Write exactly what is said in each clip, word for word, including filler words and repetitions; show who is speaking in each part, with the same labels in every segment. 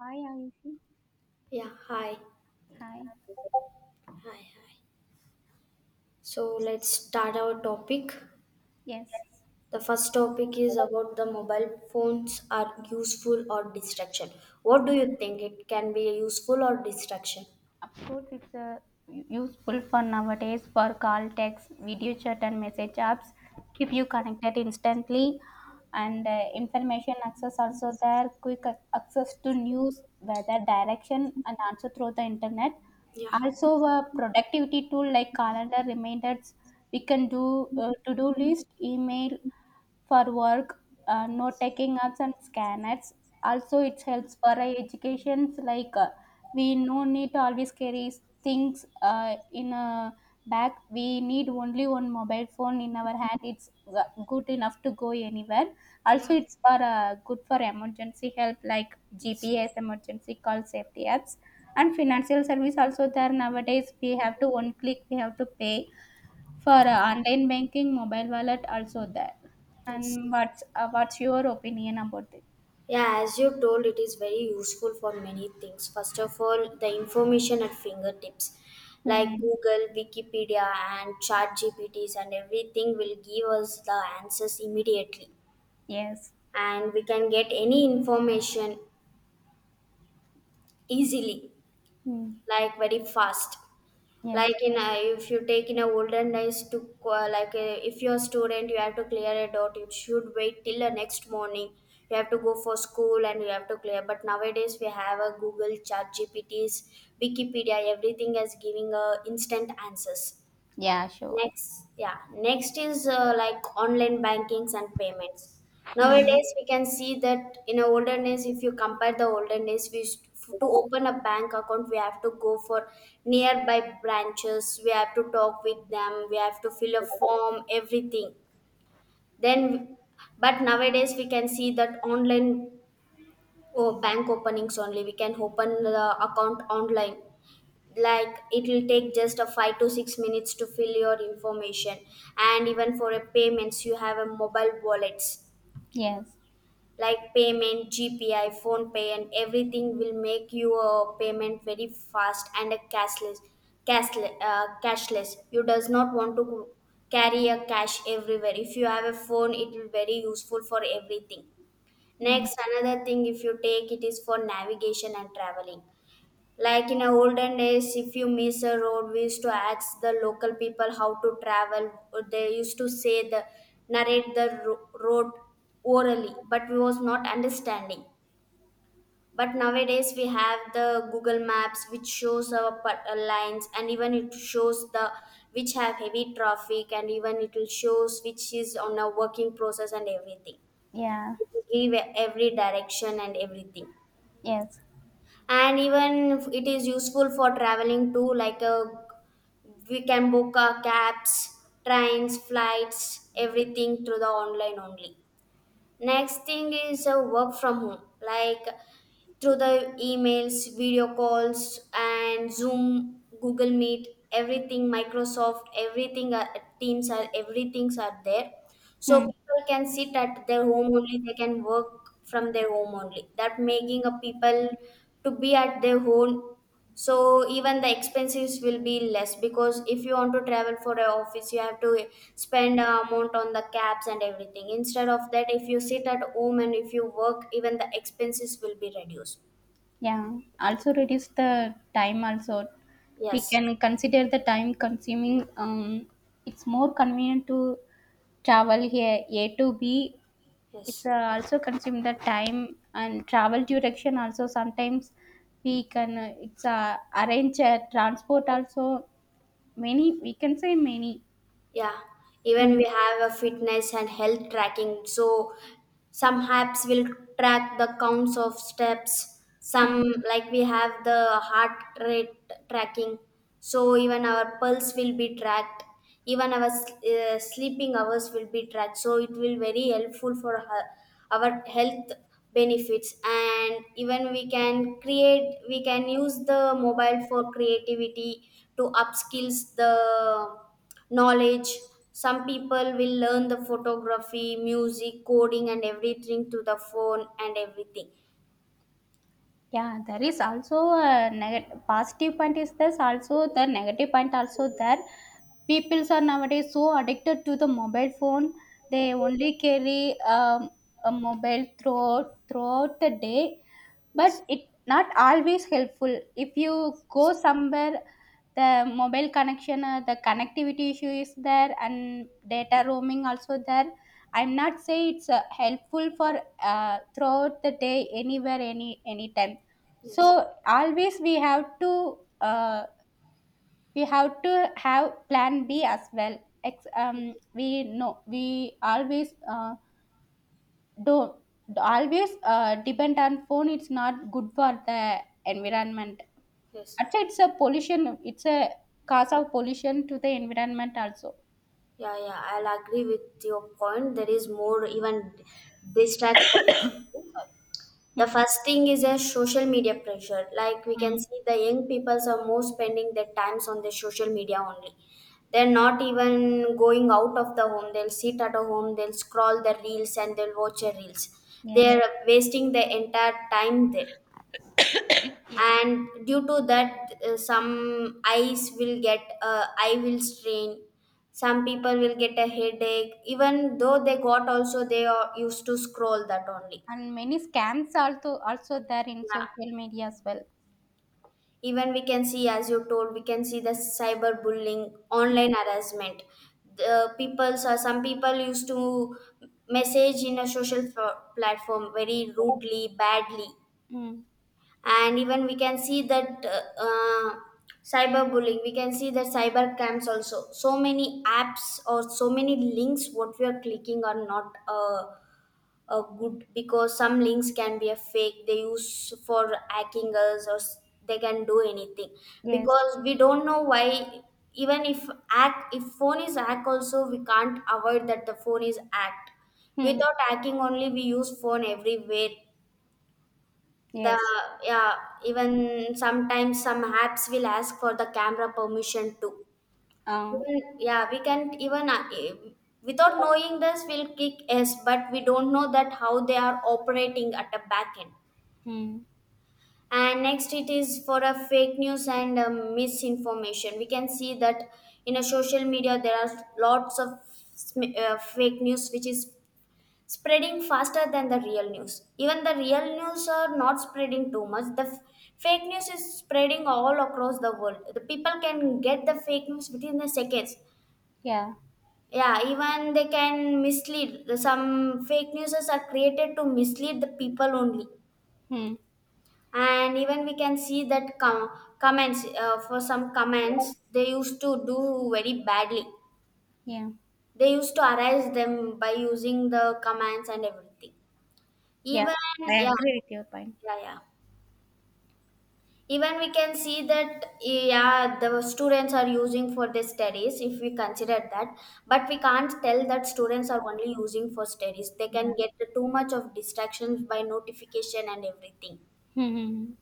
Speaker 1: Hi, Ayushi.
Speaker 2: Yeah, hi,
Speaker 1: Hi.
Speaker 2: hi, hi. So let's start our topic.
Speaker 1: Yes.
Speaker 2: The first topic is about the mobile phones are useful or distraction. What do you think? It can be useful or distraction?
Speaker 1: Of course, it's uh, u- useful for nowadays for call, text, video chat, and message apps. Keep you connected instantly, and uh, information access also there. Quick ac- access to news, weather, direction, and also through the internet.
Speaker 2: Yeah,
Speaker 1: Also, a productivity tool like calendar reminders. We can do uh, to-do list, email. For work, uh, no taking apps and scanners. Also, it helps for uh, educations like uh, we no need to always carry things uh, in a bag. We need only one mobile phone in our hand. It's uh, good enough to go anywhere.
Speaker 2: yeah,
Speaker 1: Also, it's for uh, good for emergency help like G P S, emergency call, safety apps, and financial service. Also, there nowadays we have to one click we have to pay for uh, online banking, mobile wallet also there.
Speaker 2: yes.
Speaker 1: And what's uh, what's your opinion about it?
Speaker 2: Yeah, as you told, it is very useful for many things. First of all, the information at fingertips, like
Speaker 1: Hmm.
Speaker 2: Google, Wikipedia, and Chat ChatGPTs, and everything will give us the answers immediately.
Speaker 1: Yes.
Speaker 2: And we can get any information easily,
Speaker 1: Hmm.
Speaker 2: like very fast.
Speaker 1: Yes.
Speaker 2: Like in a, if you take in a olden days to qua- like uh, if you're a student you have to clear a dot, you should wait till the next morning. You have to go for school and you have to clear, but nowadays we have a Google, Chat GPTs, Wikipedia, everything is giving a instant answers.
Speaker 1: Yeah. Sure.
Speaker 2: Next, yeah, next is uh, like online bankings and payments.
Speaker 1: Hmm.
Speaker 2: Nowadays, we can see that in the olden days, if you compare the olden days, we used to open a bank account, we have to go for nearby branches, we have to talk with them, we have to fill a form, everything. Then, but nowadays, we can see that online oh, bank openings only, we can open the account online. Like it will take just a five to six minutes to fill your information. And even for a payments you have a mobile wallets
Speaker 1: Yes.
Speaker 2: like payment gpi phone pay, and everything will make you a payment very fast and a cashless cashless, uh, cashless. You does not want to go- carry a cash everywhere. If you have a phone, it will very useful for everything.
Speaker 1: Hmm.
Speaker 2: Next, another thing if you take, it is for navigation and traveling. Like in a olden days, if you miss a road, we used to ask the local people how to travel. They used to say the narrate the ro- road orally, but we was not understanding. But nowadays we have the Google Maps, which shows our pa- uh, lines, and even it shows the which have heavy traffic, and even it will shows which is on a working process and everything.
Speaker 1: Yeah.
Speaker 2: It will give every direction and everything,
Speaker 1: Yes.
Speaker 2: and even if it is useful for traveling too, like a, we can book our cabs, trains, flights, everything through the online only. Next thing is uh, work from home, like through the emails, video calls, and Zoom, Google Meet, everything, Microsoft, everything, uh, Teams are everything's are there. So
Speaker 1: Hmm.
Speaker 2: people can sit at their home only. They can work from their home only. That making a people to be at their home, so even the expenses will be less. Because if you want to travel for a office, you have to spend a amount on the cabs and everything. Instead of that, if you sit at home and if you work, even the expenses will be reduced.
Speaker 1: Yeah. Also reduce the time. Also, we
Speaker 2: Yes,
Speaker 1: can consider the time consuming. Um, it's more convenient to travel here A to B. It's
Speaker 2: yes.
Speaker 1: uh, also consume the time and travel duration. Also sometimes we can uh, it's uh, arrange a transport also, many we can say many.
Speaker 2: Yeah, even
Speaker 1: Hmm.
Speaker 2: we have a fitness and health tracking. So some apps will track the counts of steps.
Speaker 1: Hmm.
Speaker 2: Some, like we have the heart rate tracking. So even our pulse will be tracked. Even our s- uh, sleeping hours will be tracked. So it will very helpful for her, our health benefits. And even we can create, we can use the mobile for creativity, to upskills the knowledge. Some people will learn the photography, music, coding, and everything to the phone and everything.
Speaker 1: Yeah, there is also a negative positive point is this, also the negative point also there. People are nowadays so addicted to the mobile phone. They only carry um, a mobile throughout throughout the day, but it not always helpful. If you go somewhere, the mobile connection, uh, the connectivity issue is there, and data roaming also there. I'm not say it's uh, helpful for uh, throughout the day anywhere any anytime.
Speaker 2: Yes,
Speaker 1: So always we have to uh, we have to have plan b as well. Ex- um, we know we always uh, don't always uh, depend on phone. It's not good for the environment.
Speaker 2: yes,
Speaker 1: Actually it's a pollution, it's a cause of pollution to the environment also.
Speaker 2: yeah, yeah, I'll agree with your point. There is more even distract. The
Speaker 1: Hmm.
Speaker 2: first thing is a social media pressure. Like we
Speaker 1: Hmm.
Speaker 2: can see, the young peoples are more spending their times on the social media only. They're not even going out of the home. They'll sit at a home. They'll scroll the reels and they'll watch the reels.
Speaker 1: Yes.
Speaker 2: They're wasting the entire time there.
Speaker 1: Yes.
Speaker 2: And due to that, uh, some eyes will get uh, eye will strain. Some people will get a headache. Even though they got also, they are used to scroll that only.
Speaker 1: And many scams also also there in
Speaker 2: Yeah,
Speaker 1: social media as well.
Speaker 2: even we can see, as you told, we can see the cyberbullying,
Speaker 1: Hmm.
Speaker 2: online harassment. The people, so some people used to message in a social fo- platform very rudely, badly.
Speaker 1: Hmm.
Speaker 2: And even we can see that uh, uh, cyberbullying, we can see that cyber camps also. So many apps or so many links what we are clicking are not uh, uh, good. Because some links can be a fake, they use for hacking us, or s- they can do anything.
Speaker 1: Yes.
Speaker 2: Because we don't know why, even if hack, if phone is hack also, we can't avoid that the phone is hacked.
Speaker 1: Hmm.
Speaker 2: Without hacking only, we use phone everywhere. The,
Speaker 1: Yes.
Speaker 2: yeah, even sometimes some apps will ask for the camera permission too.
Speaker 1: uh,
Speaker 2: Even, yeah, we can even uh, eh, without knowing this we'll kick s, but we don't know that how they are operating at the back end.
Speaker 1: hmm.
Speaker 2: And next, it is for a fake news and um, misinformation. We can see that in a social media there are lots of sm- uh, fake news which is spreading faster than the real news. Even the real news are not spreading too much. The f- fake news is spreading all across the world. The people can get the fake news within the seconds.
Speaker 1: Yeah.
Speaker 2: Yeah, even they can mislead. Some fake news are created to mislead the people only.
Speaker 1: Hmm.
Speaker 2: And even we can see that com- comments, uh, for some comments they used to do very badly.
Speaker 1: Yeah.
Speaker 2: They used to harass them by using the commands and everything.
Speaker 1: Yeah,
Speaker 2: Even,
Speaker 1: I
Speaker 2: yeah,
Speaker 1: agree with your point.
Speaker 2: yeah, yeah, even we can see that, yeah, the students are using for their studies. If we consider that, but we can't tell that students are only using for studies. They can
Speaker 1: Yeah.
Speaker 2: get too much of distractions by notification and everything.
Speaker 1: Hmm.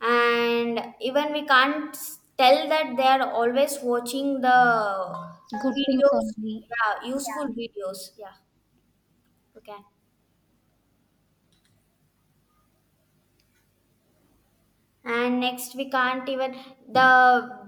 Speaker 2: And even we can't s- tell that they are always watching the
Speaker 1: Good things
Speaker 2: videos,
Speaker 1: only.
Speaker 2: yeah, useful
Speaker 1: Yeah.
Speaker 2: videos, yeah, okay. And next, we can't even, the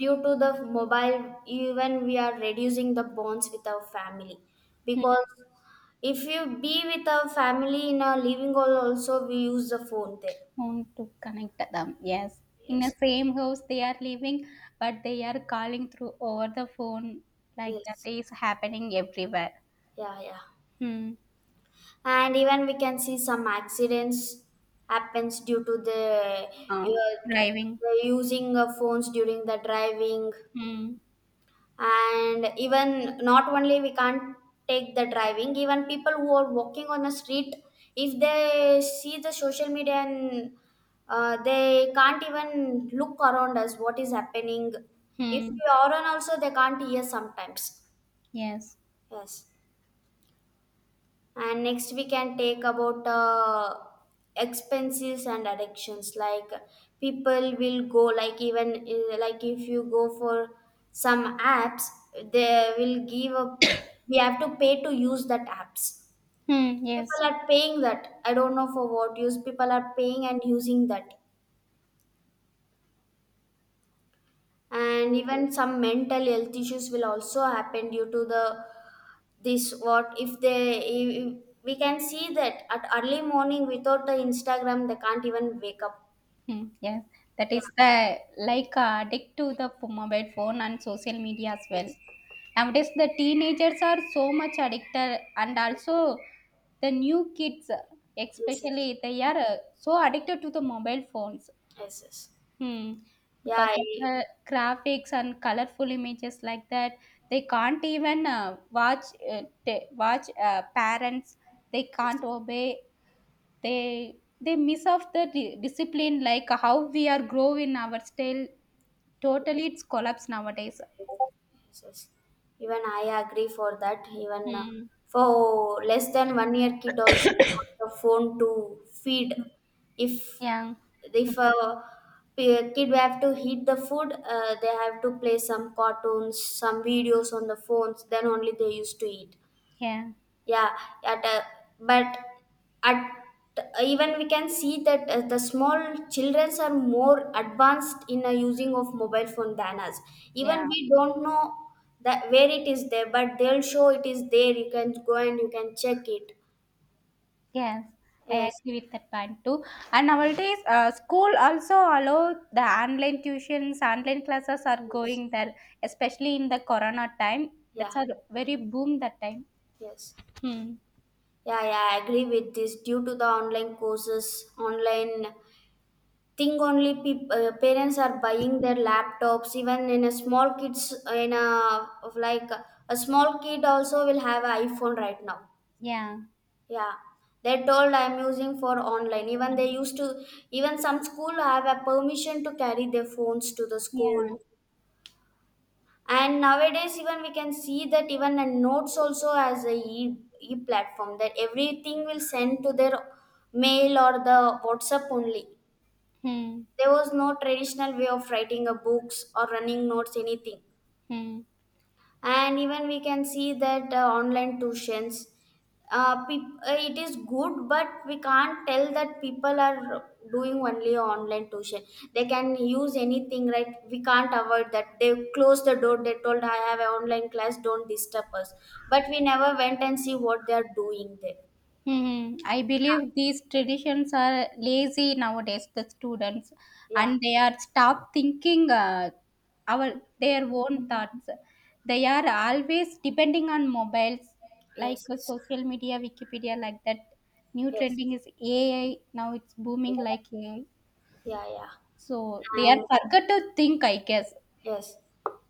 Speaker 2: due to the mobile, even we are reducing the bonds with our family. Because if you be with our family in a living hall also, we use the phone there.
Speaker 1: Want to connect them, yes. In the
Speaker 2: Yes,
Speaker 1: same house they are living, but they are calling through over the phone, like that
Speaker 2: yes,
Speaker 1: is happening everywhere.
Speaker 2: yeah, yeah.
Speaker 1: Hmm.
Speaker 2: And even we can see some accidents happens due to the,
Speaker 1: Uh,
Speaker 2: uh,
Speaker 1: driving.
Speaker 2: the using of phones during the driving.
Speaker 1: Hmm.
Speaker 2: And even not only we can't take the driving, even people who are walking on the street, if they see the social media and uh, they can't even look around us what is happening. If
Speaker 1: Hmm.
Speaker 2: we are on also, they can't hear sometimes.
Speaker 1: Yes.
Speaker 2: Yes. And next, we can take about uh, expenses and addictions. Like people will go, like even uh, like if you go for some apps, they will give up. We have to pay to use that apps.
Speaker 1: Hmm. Yes.
Speaker 2: People are paying that. I don't know for what use. People are paying and using that. And even some mental health issues will also happen due to the, this, what if they, if, we can see that at early morning without the Instagram they can't even wake up.
Speaker 1: Hmm. Yes. That
Speaker 2: Yeah,
Speaker 1: is the like uh, addict to the p- mobile phone and social media as well.
Speaker 2: yes,
Speaker 1: Nowadays the teenagers are so much addicted, and also the new kids
Speaker 2: yes, yes,
Speaker 1: especially, they are uh, so addicted to the mobile phones.
Speaker 2: yes, yes,
Speaker 1: Hmm.
Speaker 2: yeah
Speaker 1: Because
Speaker 2: I,
Speaker 1: of the graphics and colorful images like that, they can't even uh, watch uh, t- watch uh, parents. They
Speaker 2: yes, yes,
Speaker 1: can't obey. They they miss off the di- discipline, like how we are grow in our style. Totally, it's collapse nowadays.
Speaker 2: yes. Even I agree for that. Even uh,
Speaker 1: Hmm.
Speaker 2: for less than one year kid also want the phone to feed. if
Speaker 1: Yeah.
Speaker 2: if a p- kid have to heat the food, uh, they have to play some cartoons, some videos on the phones, then only they used to eat.
Speaker 1: Yeah.
Speaker 2: Yeah, at a, but at, even we can see that uh, the small childrens are more advanced in a using of mobile phone than us.
Speaker 1: Yeah.
Speaker 2: Even we don't know that where it is there, but they'll show it is there. You can go and you can check it.
Speaker 1: Yes, I
Speaker 2: Yes,
Speaker 1: agree with that point too. And nowadays, uh, school also allow the online tuitions, online classes are
Speaker 2: yes,
Speaker 1: going there, especially in the corona time.
Speaker 2: yeah,
Speaker 1: That's a very boom that time.
Speaker 2: yes.
Speaker 1: Hmm.
Speaker 2: Yeah, yeah, I agree with this. Due to the online courses, online think only, peop- uh, parents are buying their laptops even in a small kids in a of like. A small kid also will have an iPhone right now.
Speaker 1: Yeah.
Speaker 2: Yeah, they told I'm using for online. Even they used to, even some school have a permission to carry their phones to the school.
Speaker 1: Yeah.
Speaker 2: And nowadays, even we can see that even a notes also as a e, e platform, that everything will send to their mail or the WhatsApp only.
Speaker 1: Hmm.
Speaker 2: There was no traditional way of writing a books or running notes anything.
Speaker 1: Hmm.
Speaker 2: And even we can see that uh, online tuitions, uh, peop uh, it is good. But we can't tell that people are doing only online tuition. They can use anything, right? We can't avoid that. They closed the door. They told I have an online class, don't disturb us. But we never went and see what they are doing there.
Speaker 1: Hmm. I believe these traditions are lazy nowadays, the students,
Speaker 2: Yeah,
Speaker 1: and they are stop thinking uh, our their own thoughts. They are always depending on mobiles, like
Speaker 2: yes,
Speaker 1: uh, social media, Wikipedia, like that. New
Speaker 2: yes,
Speaker 1: trending is A I. Now it's booming like A I.
Speaker 2: yeah, yeah,
Speaker 1: So they are
Speaker 2: and
Speaker 1: forgot to think, I guess.
Speaker 2: yes.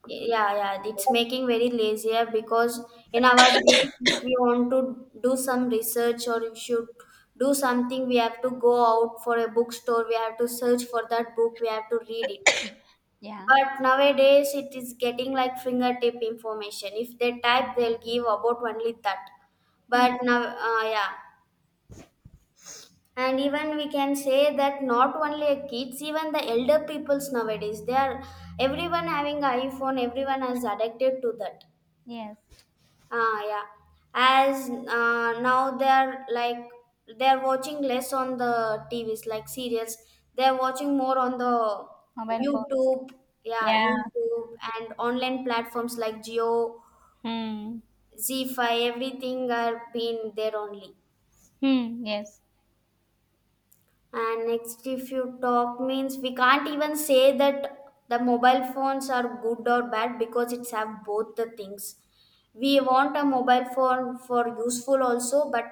Speaker 2: Yeah, yeah, it's making very lazier. Because in our days, if we want to do some research, or if you do something, we have to go out for a bookstore, we have to search for that book, we have to read it.
Speaker 1: Yeah.
Speaker 2: But nowadays, it is getting like fingertip information. If they type, they'll give about only that.
Speaker 1: Hmm.
Speaker 2: But now, uh, yeah. And even we can say that not only a kids, even the elder peoples nowadays, they are everyone having a iPhone, everyone is addicted to that.
Speaker 1: Yes.
Speaker 2: Ah, yeah. As uh, now they are like they are watching less on the TVs like serials, they are watching more on the
Speaker 1: Mobile phones.
Speaker 2: YouTube. Yeah,
Speaker 1: Yeah.
Speaker 2: YouTube. And online platforms like geo,
Speaker 1: Hmm.
Speaker 2: z five, everything are being there only.
Speaker 1: Hmm. Yes.
Speaker 2: And next, if you talk means we can't even say that the mobile phones are good or bad, because it's have both the things. We want a mobile phone for useful also, but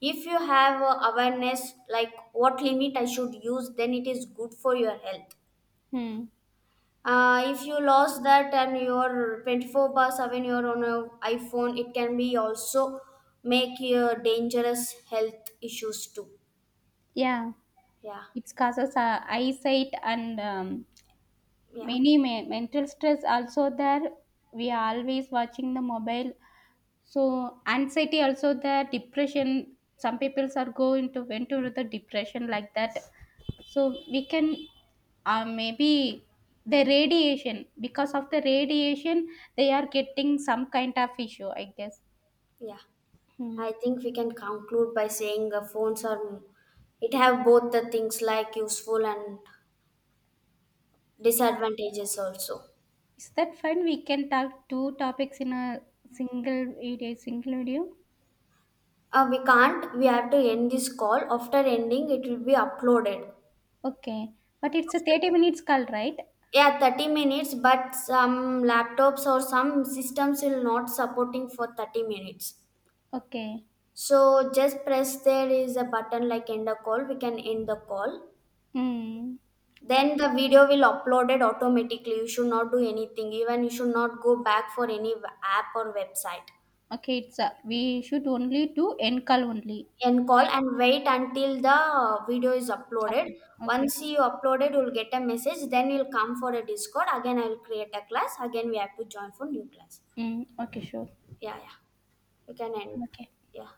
Speaker 2: if you have a awareness, like what limit I should use, then it is good for your health.
Speaker 1: Hmm.
Speaker 2: Uh, if you lost that and your twenty-four bar seven you're on a iPhone, it can be also make your dangerous health issues too.
Speaker 1: Yeah.
Speaker 2: Yeah,
Speaker 1: It causes uh, eyesight and um,
Speaker 2: yeah,
Speaker 1: many me- mental stress also there. We are always watching the mobile, so anxiety also there, depression, some people are go into went into the depression like that. So we can uh, maybe the radiation, because of the radiation they are getting some kind of issue, I guess.
Speaker 2: yeah.
Speaker 1: Hmm.
Speaker 2: I think we can conclude by saying uh, phones are, it have both the things like useful and disadvantages also.
Speaker 1: Is that fine, we can talk two topics in a single video single video
Speaker 2: Uh, we can't. We have to end this call. After ending, it will be uploaded.
Speaker 1: Okay. But it's a
Speaker 2: After,
Speaker 1: thirty minutes call, right?
Speaker 2: yeah, thirty minutes. But some laptops or some systems will not supporting for thirty minutes.
Speaker 1: Okay.
Speaker 2: So just press, there is a button like end a call. We can end the call.
Speaker 1: Hmm.
Speaker 2: Then the video will uploaded automatically. You should not do anything. Even you should not go back for any w- app or website.
Speaker 1: Okay, it's a, we should only do end call only.
Speaker 2: And call and wait until the uh, video is
Speaker 1: That-
Speaker 2: uploaded.
Speaker 1: okay.
Speaker 2: Once you uploaded, you'll get a message. Then you'll come for a Discord. Again, I will create a class. Again, we have to join for new class.
Speaker 1: Mm, okay, sure.
Speaker 2: Yeah, yeah. You can end.
Speaker 1: Okay.
Speaker 2: Yeah.